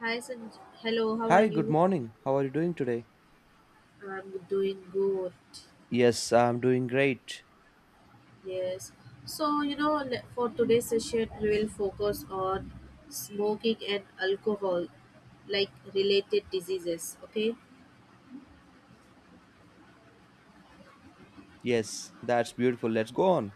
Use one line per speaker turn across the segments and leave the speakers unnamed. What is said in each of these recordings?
Hi, hello, how are
Hi, good
you?
morning. How are you doing today?
I'm doing good.
Yes, I'm doing great.
Yes. So, for today's session, we will focus on smoking and alcohol, like related diseases. Okay.
Yes, that's beautiful. Let's go on.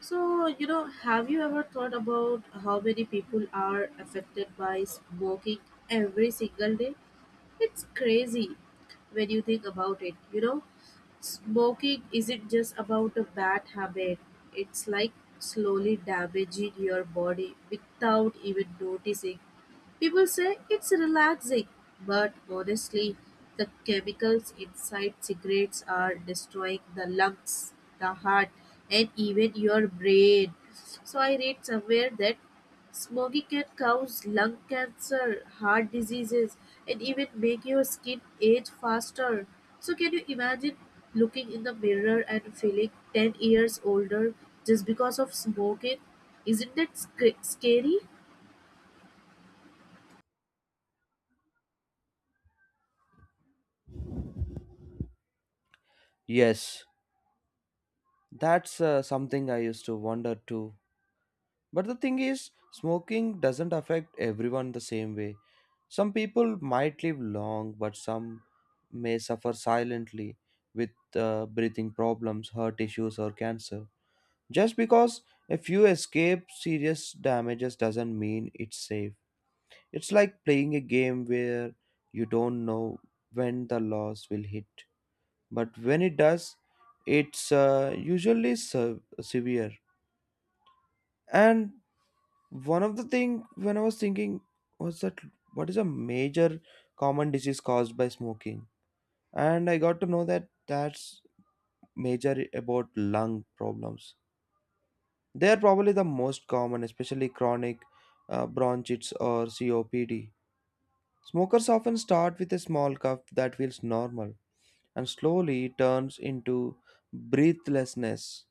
So, have you ever thought about how many people are affected by smoking every single day? It's crazy when you think about it. Smoking isn't just about a bad habit, it's like slowly damaging your body without even noticing. People say it's relaxing, but honestly, the chemicals inside cigarettes are destroying the lungs, the heart, and even your brain. So, I read somewhere that smoking can cause lung cancer, heart diseases, and even make your skin age faster. So, can you imagine looking in the mirror and feeling 10 years older just because of smoking? Isn't that scary?
Yes, that's something I used to wonder too. But the thing is, smoking doesn't affect everyone the same way. Some people might live long, but some may suffer silently with breathing problems, heart issues, or cancer. Just because a few escape serious damages doesn't mean it's safe. It's like playing a game where you don't know when the loss will hit, but when it does, it's usually severe. And one of the thing when I was thinking was that what is a major common disease caused by smoking, and I got to know that that's major about lung problems. They are probably the most common, especially chronic bronchitis or COPD. Smokers often start with a small cough that feels normal and slowly turns into breathlessness.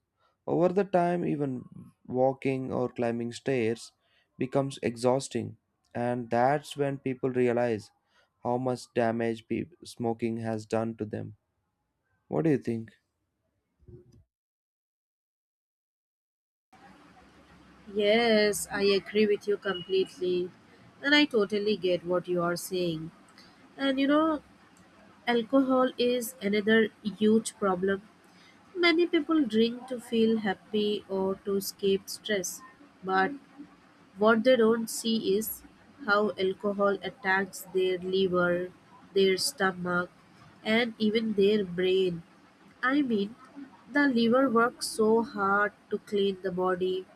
Over the time, even walking or climbing stairs becomes exhausting, and that's when people realize how much damage smoking has done to them. What do you think?
Yes, I agree with you completely. And I totally get what you are saying. And alcohol is another huge problem. Many people drink to feel happy or to escape stress. But what they don't see is how alcohol attacks their liver, their stomach, and even their brain. I mean, the liver works so hard to clean the body,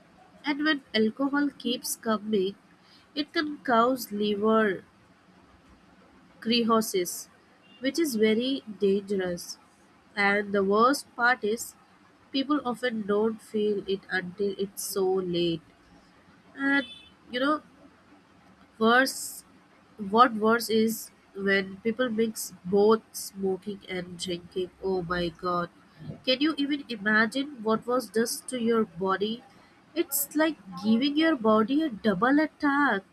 and when alcohol keeps coming, it can cause liver cirrhosis, which is very dangerous. And the worst part is, people often don't feel it until it's so late. And you know, Worse, what worse is when people mix both smoking and drinking. Oh my god. Can you even imagine what was does to your body? It's like giving your body a double attack.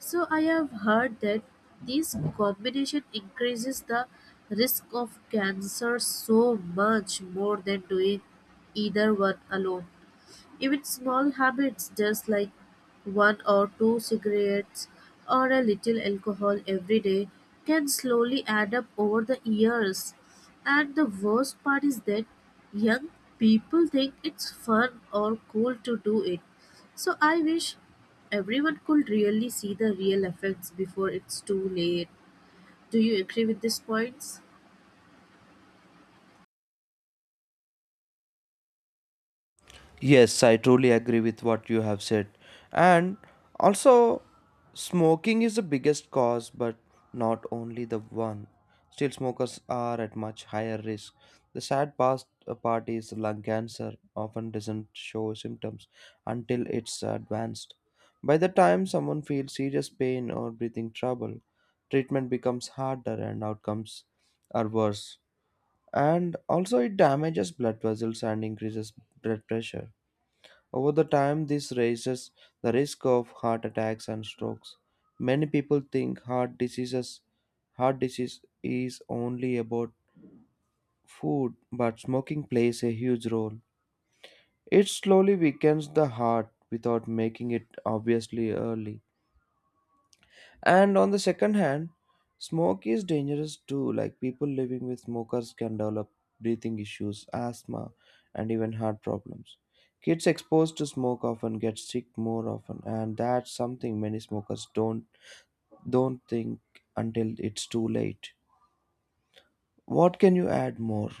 So I have heard that this combination increases the risk of cancer so much more than doing either one alone. Even small habits just like one or two cigarettes or a little alcohol every day can slowly add up over the years. And the worst part is that young people think it's fun or cool to do it. So I wish everyone could really see the real effects before it's too late. Do you agree with these points?
Yes, I truly agree with what you have said. And also, smoking is the biggest cause, but not only the one. Still, smokers are at much higher risk. The sad past part is lung cancer often doesn't show symptoms until it's advanced. By the time someone feels serious pain or breathing trouble, treatment becomes harder and outcomes are worse. And also, it damages blood vessels and increases blood pressure over the time, this raises the risk of heart attacks and strokes. Many people think heart disease is only about food, but smoking plays a huge role. It slowly weakens the heart without making it obviously early. And on the second hand, smoke is dangerous too. Like people living with smokers can develop breathing issues, asthma, and even heart problems. Kids exposed to smoke often get sick more often, and that's something many smokers don't think until it's too late. What can you add more?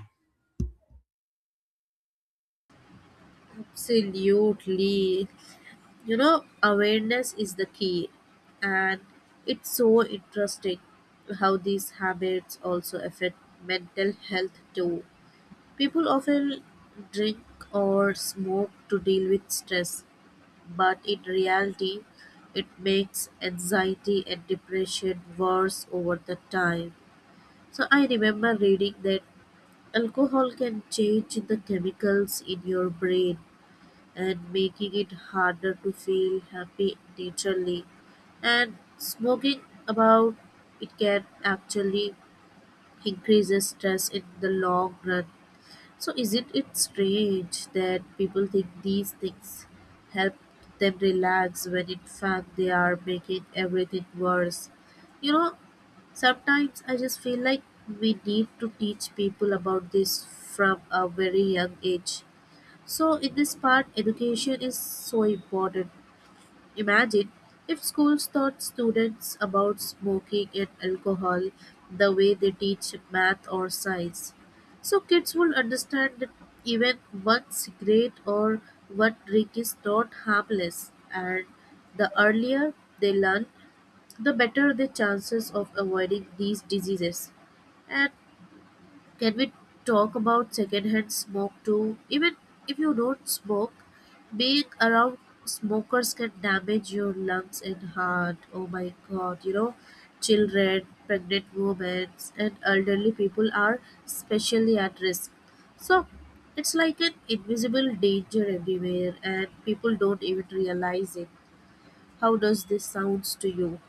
Absolutely. Awareness is the key, and it's so interesting how these habits also affect mental health too. People often drink or smoke to deal with stress, but in reality, it makes anxiety and depression worse over the time. So I remember reading that alcohol can change the chemicals in your brain and making it harder to feel happy naturally. And smoking about it can actually increases stress in the long run. So isn't it strange that people think these things help them relax when in fact they are making everything worse? You know, Sometimes I just feel like we need to teach people about this from a very young age, so in this part, education is so important. Imagine if schools taught students about smoking and alcohol the way they teach math or science. So, kids will understand that even one cigarette or one drink is not harmless, and the earlier they learn, the better the chances of avoiding these diseases. And can we talk about secondhand smoke too? Even if you don't smoke, being around smokers can damage your lungs and heart. Oh my god, children, pregnant women, and elderly people are especially at risk. So it's like an invisible danger everywhere, and people don't even realize it. How does this sounds to you?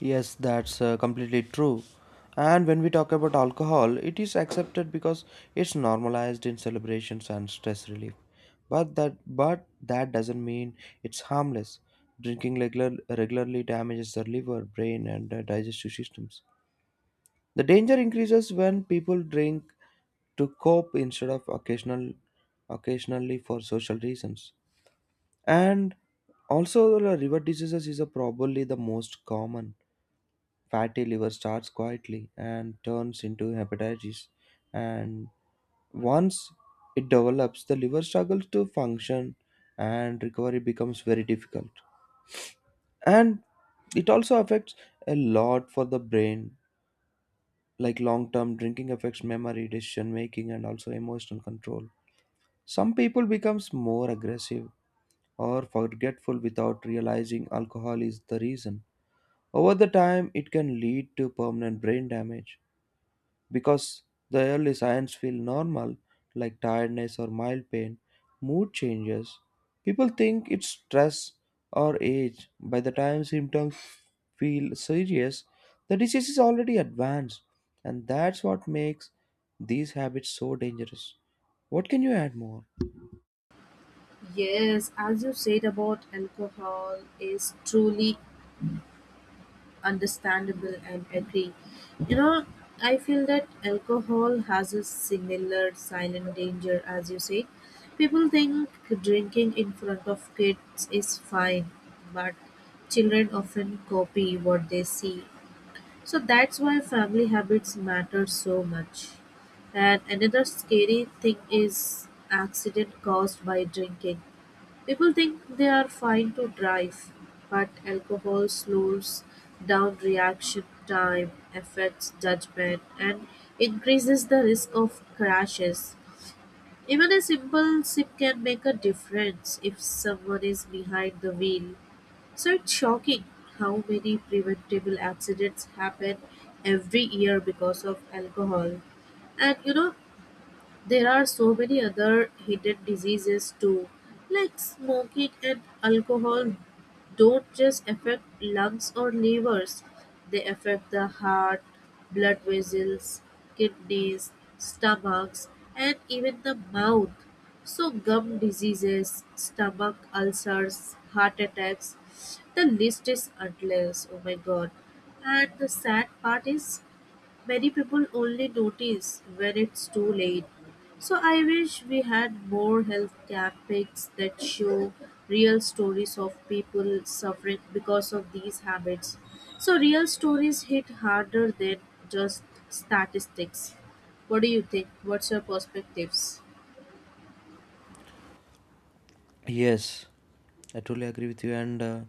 Yes, that's completely true. And when we talk about alcohol, it is accepted because it's normalized in celebrations and stress relief. But that doesn't mean it's harmless. Regularly damages the liver, brain, and digestive systems. The danger increases when people drink to cope instead of occasionally for social reasons. And also, the liver diseases is probably the most common fatty liver starts quietly and turns into hepatitis. And once it develops, the liver struggles to function and recovery becomes very difficult. And it also affects a lot for the brain, like long term drinking affects memory, decision making, and also emotional control. Some people becomes more aggressive or forgetful without realizing alcohol is the reason. Over the time, it can lead to permanent brain damage because the early signs feel normal, like tiredness or mild pain, mood changes. People think it's stress or age. By the time symptoms feel serious, the disease is already advanced, and that's what makes these habits so dangerous. What can you add more?
Yes, as you said about alcohol is truly understandable and agree. You know, I feel that alcohol has a similar silent danger, as you say. People think drinking in front of kids is fine, but children often copy what they see. So that's why family habits matter so much. And another scary thing is accident caused by drinking. People think they are fine to drive, but alcohol slows down reaction time, affects judgment, and increases the risk of crashes. Even a simple sip can make a difference if someone is behind the wheel. So it's shocking how many preventable accidents happen every year because of alcohol. And there are so many other hidden diseases too, like smoking and alcohol don't just affect lungs or livers, they affect the heart, blood vessels, kidneys, stomachs, and even the mouth. So, gum diseases, stomach ulcers, heart attacks, the list is endless. Oh my god. And the sad part is, many people only notice when it's too late. So I wish we had more health campaigns that show real stories of people suffering because of these habits. So real stories hit harder than just statistics. What do you think? What's your perspectives?
Yes, I totally agree with you. And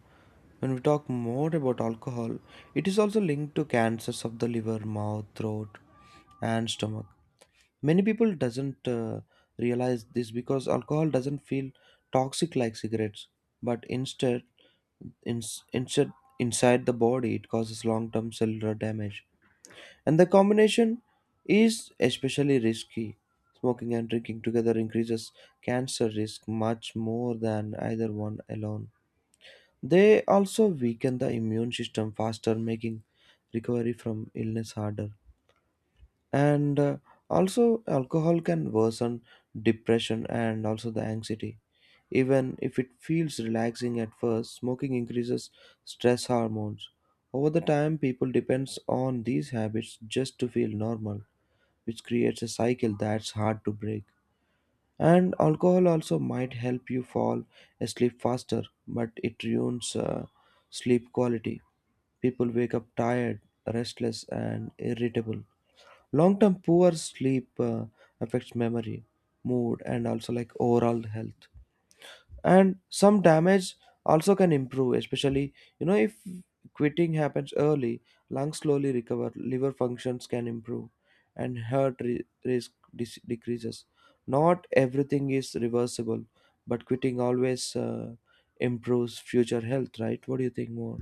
when we talk more about alcohol, it is also linked to cancers of the liver, mouth, throat, and stomach. Many people doesn't realize this because alcohol doesn't feel toxic like cigarettes, but instead, in, instead inside the body, it causes long-term cellular damage. And the combination is especially risky. Smoking and drinking together increases cancer risk much more than either one alone. They also weaken the immune system faster, making recovery from illness harder, and also alcohol can worsen depression and also the anxiety even if it feels relaxing at first. Smoking increases stress hormones over the time. People depends on these habits just to feel normal, which creates a cycle that's hard to break. And alcohol also might help you fall asleep faster, but it ruins sleep quality. People wake up tired, restless, and irritable. Long term poor sleep affects memory, mood, and also like overall health. And some damage also can improve, especially you know if quitting happens early, lungs slowly recover, liver functions can improve, and risk decreases. Not everything is reversible, but quitting always improves future health, right? What do you think more?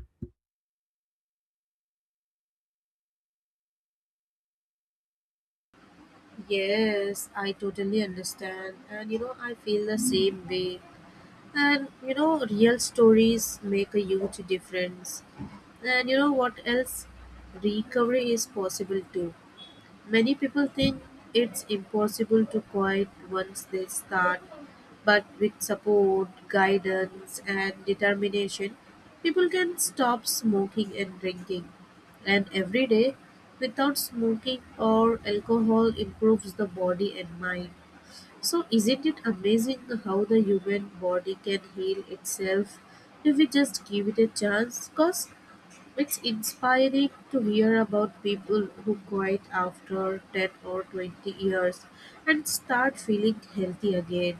Yes, I totally understand. And I feel the same way. And real stories make a huge difference. And you know what else? Recovery is possible too. Many people think it's impossible to quit once they start, but with support, guidance, and determination, people can stop smoking and drinking. And every day without smoking or alcohol improves the body and mind. So, isn't it amazing how the human body can heal itself if we just give it a chance? Because it's inspiring to hear about people who quit after 10 or 20 years and start feeling healthy again.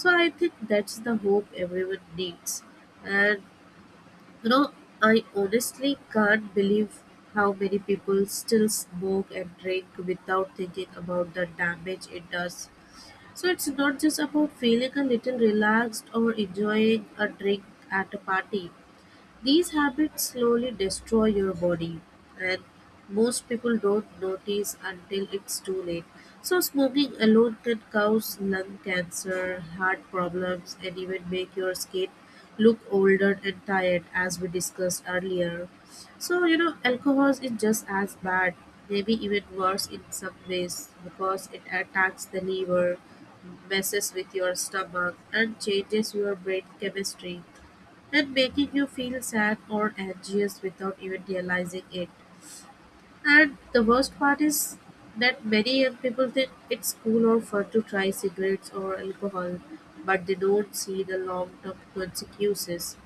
So I think that's the hope everyone needs. And you know, I honestly can't believe how many people still smoke and drink without thinking about the damage it does. So it's not just about feeling a little relaxed or enjoying a drink at a party. These habits slowly destroy your body, and most people don't notice until it's too late. So, smoking alone can cause lung cancer, heart problems, and even make your skin look older and tired, as we discussed earlier. So, alcohol is just as bad, maybe even worse in some ways, because it attacks the liver, messes with your stomach, and changes your brain chemistry at making you feel sad or anxious without even realizing it. And the worst part is that many young people think it's cool or fun to try cigarettes or alcohol, but they don't see the long term consequences,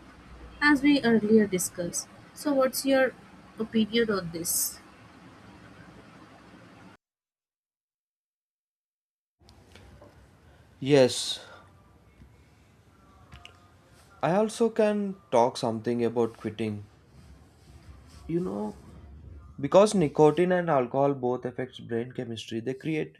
as we earlier discussed. So, what's your opinion on this?
Yes, I also can talk something about quitting. You know, because nicotine and alcohol both affects brain chemistry, they create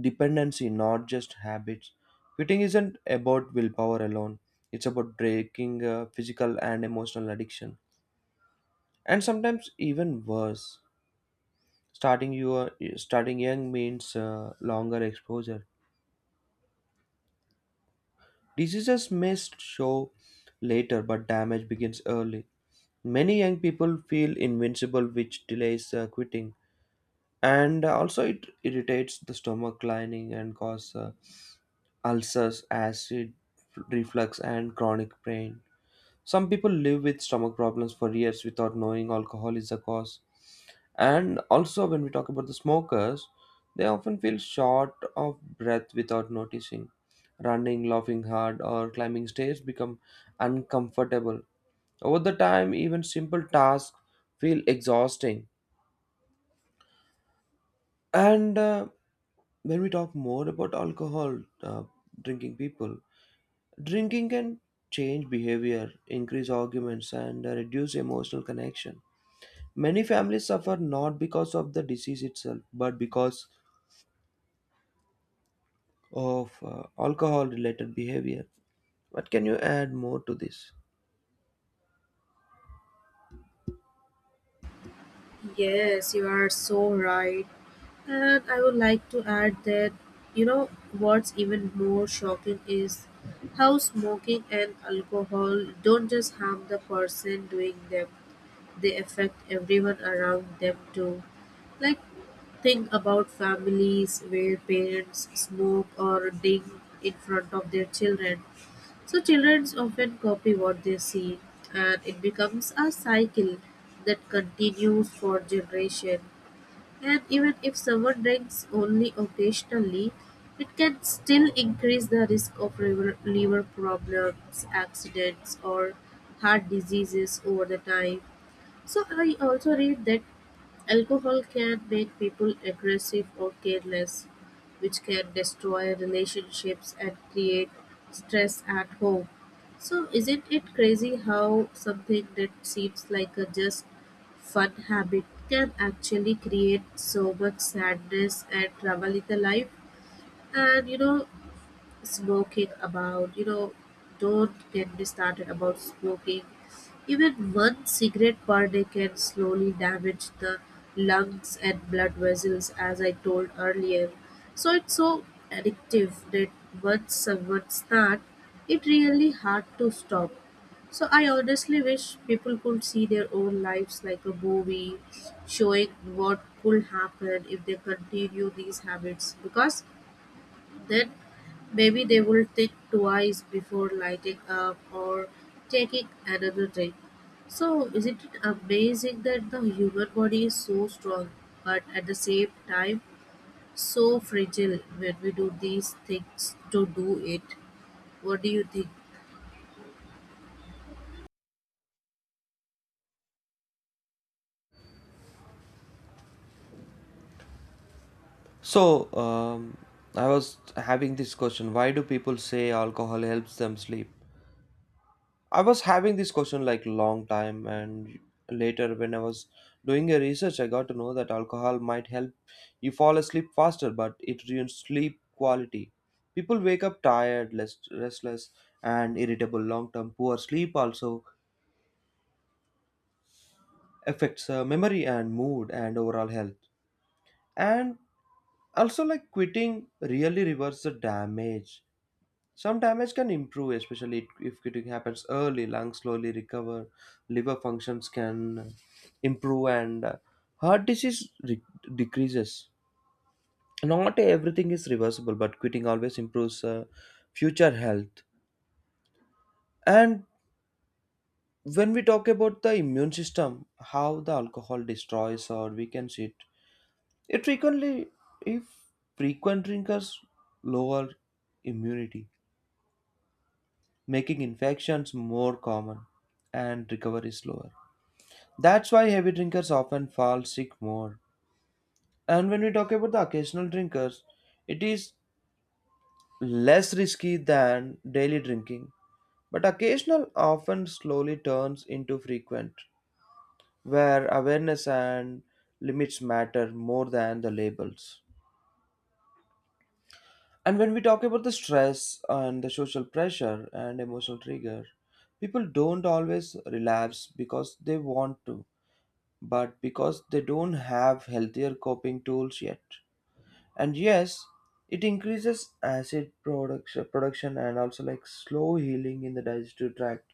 dependency, not just habits. Quitting isn't about willpower alone. It's about breaking physical and emotional addiction, and sometimes even worse. Starting your Starting young means longer exposure. Diseases may show later, but damage begins early. Many young people feel invincible, which delays quitting. And also it irritates the stomach lining and cause ulcers, acid reflux, and chronic pain. Some people live with stomach problems for years without knowing alcohol is the cause. And also when we talk about the smokers, they often feel short of breath without noticing. Running, laughing hard, or climbing stairs become uncomfortable over the time. Even simple tasks feel exhausting. And when we talk more about alcohol, drinking people, drinking can change behavior, increase arguments, and reduce emotional connection. Many families suffer not because of the disease itself, but because of alcohol related behavior. What can you add more to this?
Yes, you are so right. And I would like to add that, what's even more shocking is how smoking and alcohol don't just harm the person doing them, they affect everyone around them too. Like, think about families where parents smoke or drink in front of their children. So, children often copy what they see, and it becomes a cycle that continues for generations. And even if someone drinks only occasionally, it can still increase the risk of liver problems, accidents, or heart diseases over the time. So I also read that alcohol can make people aggressive or careless, which can destroy relationships and create stress at home. So isn't it crazy how something that seems like a just fun habit can actually create so much sadness and trouble in the life? And smoking about don't get me started about smoking. Even one cigarette per day can slowly damage the lungs and blood vessels as I told earlier. So it's so addictive that once someone starts, it really hard to stop. So I honestly wish people could see their own lives like a movie, showing what could happen if they continue these habits. Because then maybe they will think twice before lighting up or taking another drink. So, isn't it amazing that the human body is so strong, but at the same time so fragile when we do these things to do it? What do you think?
So, I was having this question, why do people say alcohol helps them sleep? I was having this question like long time, and later when I was doing a research, I got to know that alcohol might help you fall asleep faster but it ruins sleep quality. People wake up tired, less restless, and irritable long term. Poor sleep also affects memory and mood and overall health. And also like quitting really reverses the damage. Some damage can improve, especially if it happens early. Lungs slowly recover, liver functions can improve, and heart disease decreases. Not everything is reversible, but quitting always improves future health. And when we talk about the immune system, how the alcohol destroys or weakens it, it frequently, if frequent drinkers lower immunity, making infections more common and recovery slower. That's why heavy drinkers often fall sick more. And when we talk about the occasional drinkers, it is less risky than daily drinking. But occasional often slowly turns into frequent, where awareness and limits matter more than the labels. And when we talk about the stress and the social pressure and emotional trigger, people don't always relapse because they want to, but because they don't have healthier coping tools yet. And yes, it increases acid production and also like slow healing in the digestive tract.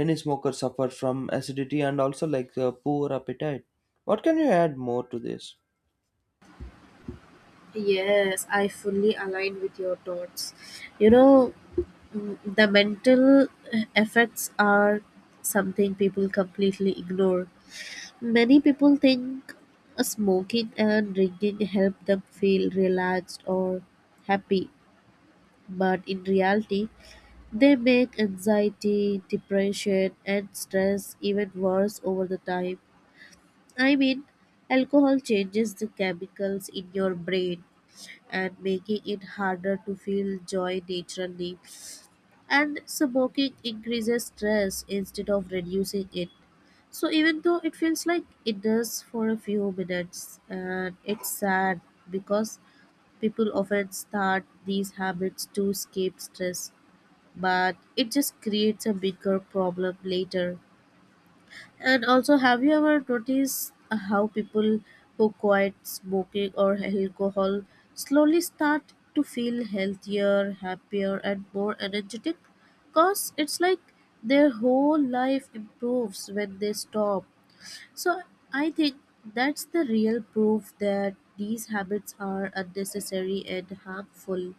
Many smokers suffer from acidity and also like poor appetite. What can you add more to this?
Yes, I fully align with your thoughts. You know, the mental effects are something people completely ignore. Many people think smoking and drinking help them feel relaxed or happy, but in reality, they make anxiety, depression, and stress even worse over the time. I mean, alcohol changes the chemicals in your brain and making it harder to feel joy naturally, and smoking increases stress instead of reducing it. So even though it feels like it does for a few minutes, and it's sad because people often start these habits to escape stress, but it just creates a bigger problem later. And also, have you ever noticed how people who quit smoking or alcohol slowly start to feel healthier, happier, and more energetic? Because it's like their whole life improves when they stop. So, I think that's the real proof that these habits are unnecessary and harmful.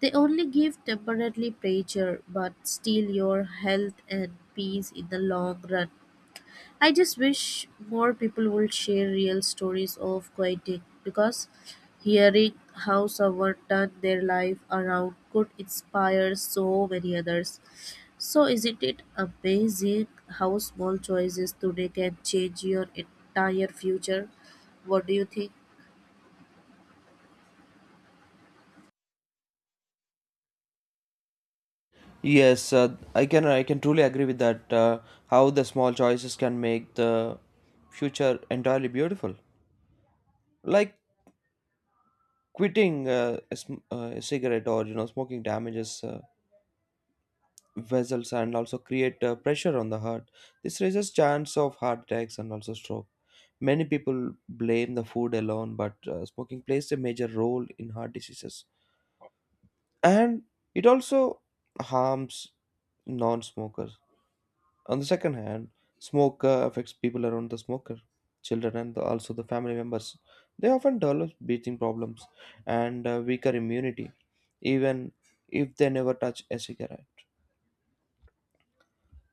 They only give temporary pleasure but steal your health and peace in the long run. I just wish more people would share real stories of quitting because hearing how someone turned their life around could inspire so many others. So, isn't it amazing how small choices today can change your entire future? What do you think?
Yes, I can truly agree with that, how the small choices can make the future entirely beautiful. Like quitting a cigarette or you know smoking damages vessels and also create pressure on the heart. This raises chance of heart attacks and also stroke. Many people blame the food alone, but smoking plays a major role in heart diseases. And it also harms non-smokers. On the second hand, smoke affects people around the smoker, children and the, also the family members. They often develop breathing problems and weaker immunity, even if they never touch a cigarette.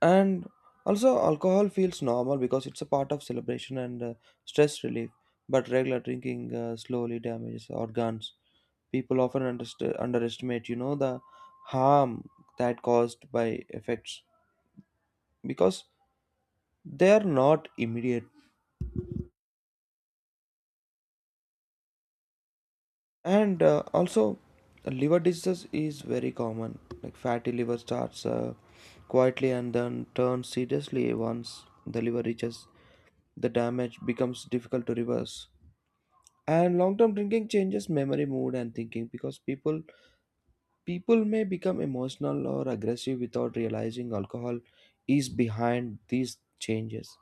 And also alcohol feels normal because it's a part of celebration and stress relief, but regular drinking slowly damages organs. People often underestimate you know the harm that caused by effects because they are not immediate. And also liver diseases is very common, like fatty liver starts quietly and then turns seriously. Once the liver reaches, the damage becomes difficult to reverse. And long term drinking changes memory, mood, and thinking, because people may become emotional or aggressive without realizing alcohol is behind these changes.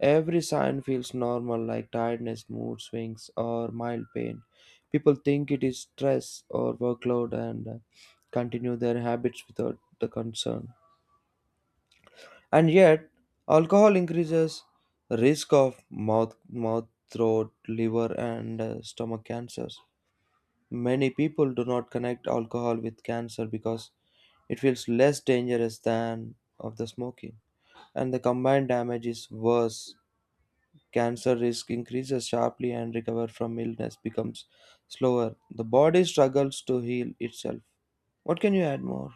Every sign feels normal like tiredness, mood swings, or mild pain. People think it is stress or workload and continue their habits without the concern. And yet alcohol increases risk of mouth, throat, liver, and stomach cancers. Many people do not connect alcohol with cancer because it feels less dangerous than of the smoking, and the combined damage is worse. Cancer risk increases sharply and recovery from illness becomes slower. The body struggles to heal itself. What can you add more?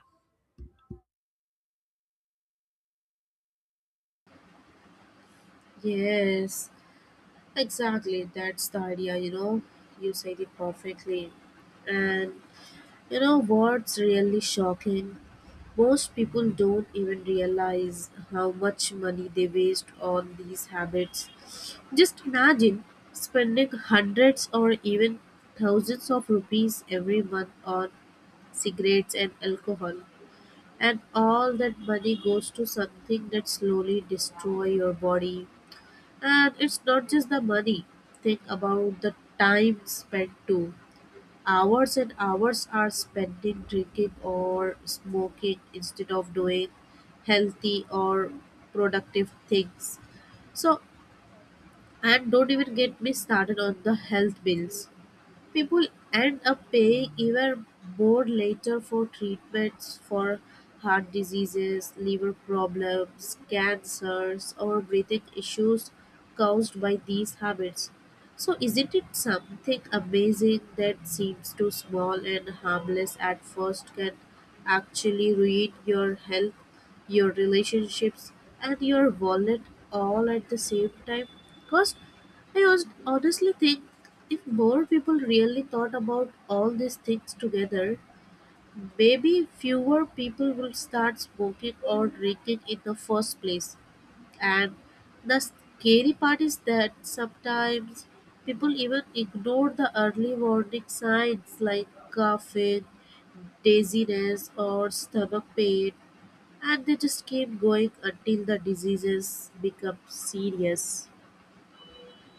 Yes, exactly. That's the idea, you know. You said it perfectly. And you know what's really shocking? Most people don't even realize how much money they waste on these habits. Just imagine spending hundreds or even thousands of rupees every month on cigarettes and alcohol. And all that money goes to something that slowly destroy your body. And it's not just the money. Think about the time spent too. Hours and hours are spent in drinking or smoking instead of doing healthy or productive things. So, and don't even get me started on the health bills. People end up paying even more later for treatments for heart diseases, liver problems, cancers, or breathing issues caused by these habits. So, isn't it something amazing that seems too small and harmless at first can actually ruin your health, your relationships, and your wallet all at the same time? Because I was honestly think if more people really thought about all these things together, maybe fewer people will start smoking or drinking in the first place. And the scary part is that sometimes people even ignore the early warning signs like coughing, dizziness, or stomach pain, and they just keep going until the diseases become serious.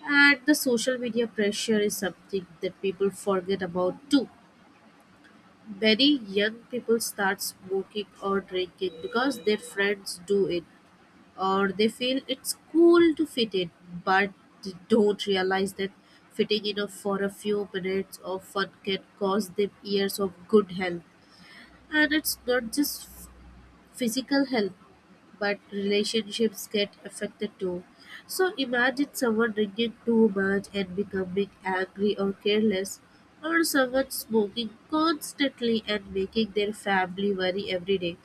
And the social media pressure is something that people forget about too. Many young people start smoking or drinking because their friends do it or they feel it's cool to fit in, but they don't realize that fitting in for a few minutes of fun can cost them years of good health. And it's not just physical health, but relationships get affected too. So imagine someone drinking too much and becoming angry or careless, or someone smoking constantly and making their family worry every day.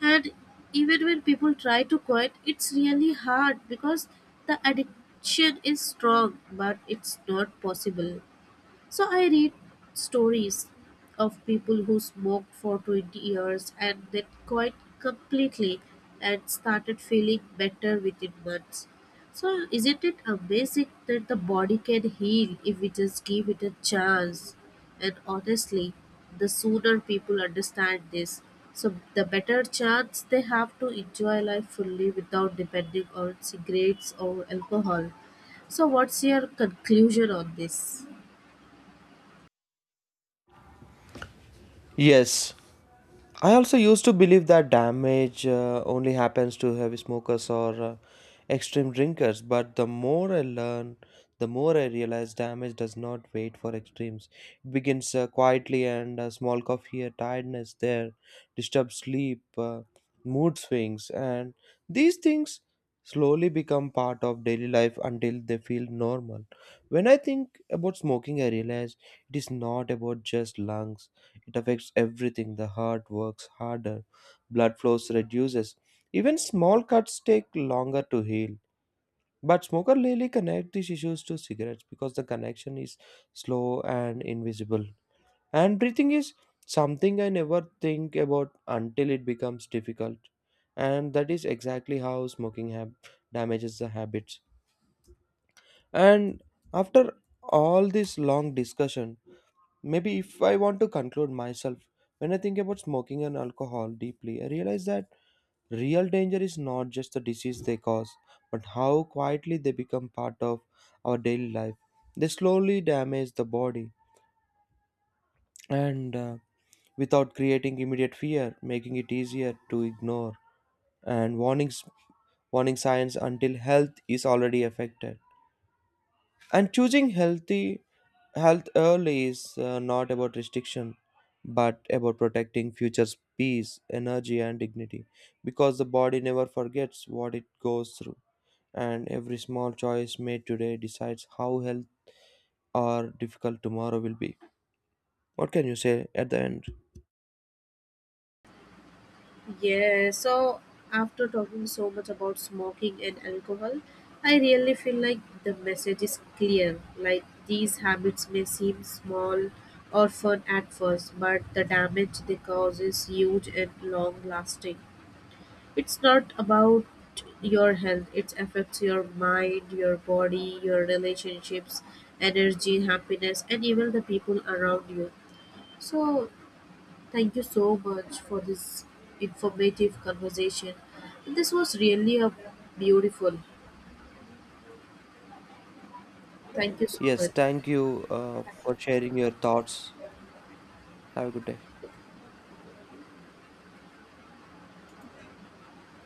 And even when people try to quit, it's really hard because the addiction is strong, but it's not possible. So I read stories of people who smoked for 20 years and then quit completely and started feeling better within months. So isn't it amazing that the body can heal if we just give it a chance? And honestly, the sooner people understand this, so the better chance they have to enjoy life fully without depending on cigarettes or alcohol. So what's your conclusion on this?
Yes, I also used to believe that damage only happens to heavy smokers or extreme drinkers, but the more I learn, the more I realize damage does not wait for extremes. It begins quietly and small cough here, tiredness there, disturbed sleep, mood swings, and these things slowly become part of daily life until they feel normal. When I think about smoking, I realize it is not about just lungs, it affects everything. The heart works harder, blood flows reduces. Even small cuts take longer to heal. But smoker really connect these issues to cigarettes because the connection is slow and invisible. And breathing is something I never think about until it becomes difficult. And that is exactly how damages the habits. And after all this long discussion, maybe if I want to conclude myself, when I think about smoking and alcohol deeply, I realize that real danger is not just the disease they cause, but how quietly they become part of our daily life. They slowly damage the body and without creating immediate fear, making it easier to ignore and warning signs until health is already affected. And choosing healthy Health early is not about restriction, but about protecting future's peace, energy, and dignity. Because the body never forgets what it goes through, and every small choice made today decides how health or difficult tomorrow will be. What can you say at the end?
Yeah, so after talking so much about smoking and alcohol, I really feel like the message is clear. Like these habits may seem small or fun at first, but the damage they cause is huge and long lasting. It's not about your health, it affects your mind, your body, your relationships, energy, happiness, and even the people around you. So thank you so much for this informative conversation. This was really a beautiful. Thank you so
Yes,
much.
thank you for sharing your thoughts. Have a good day.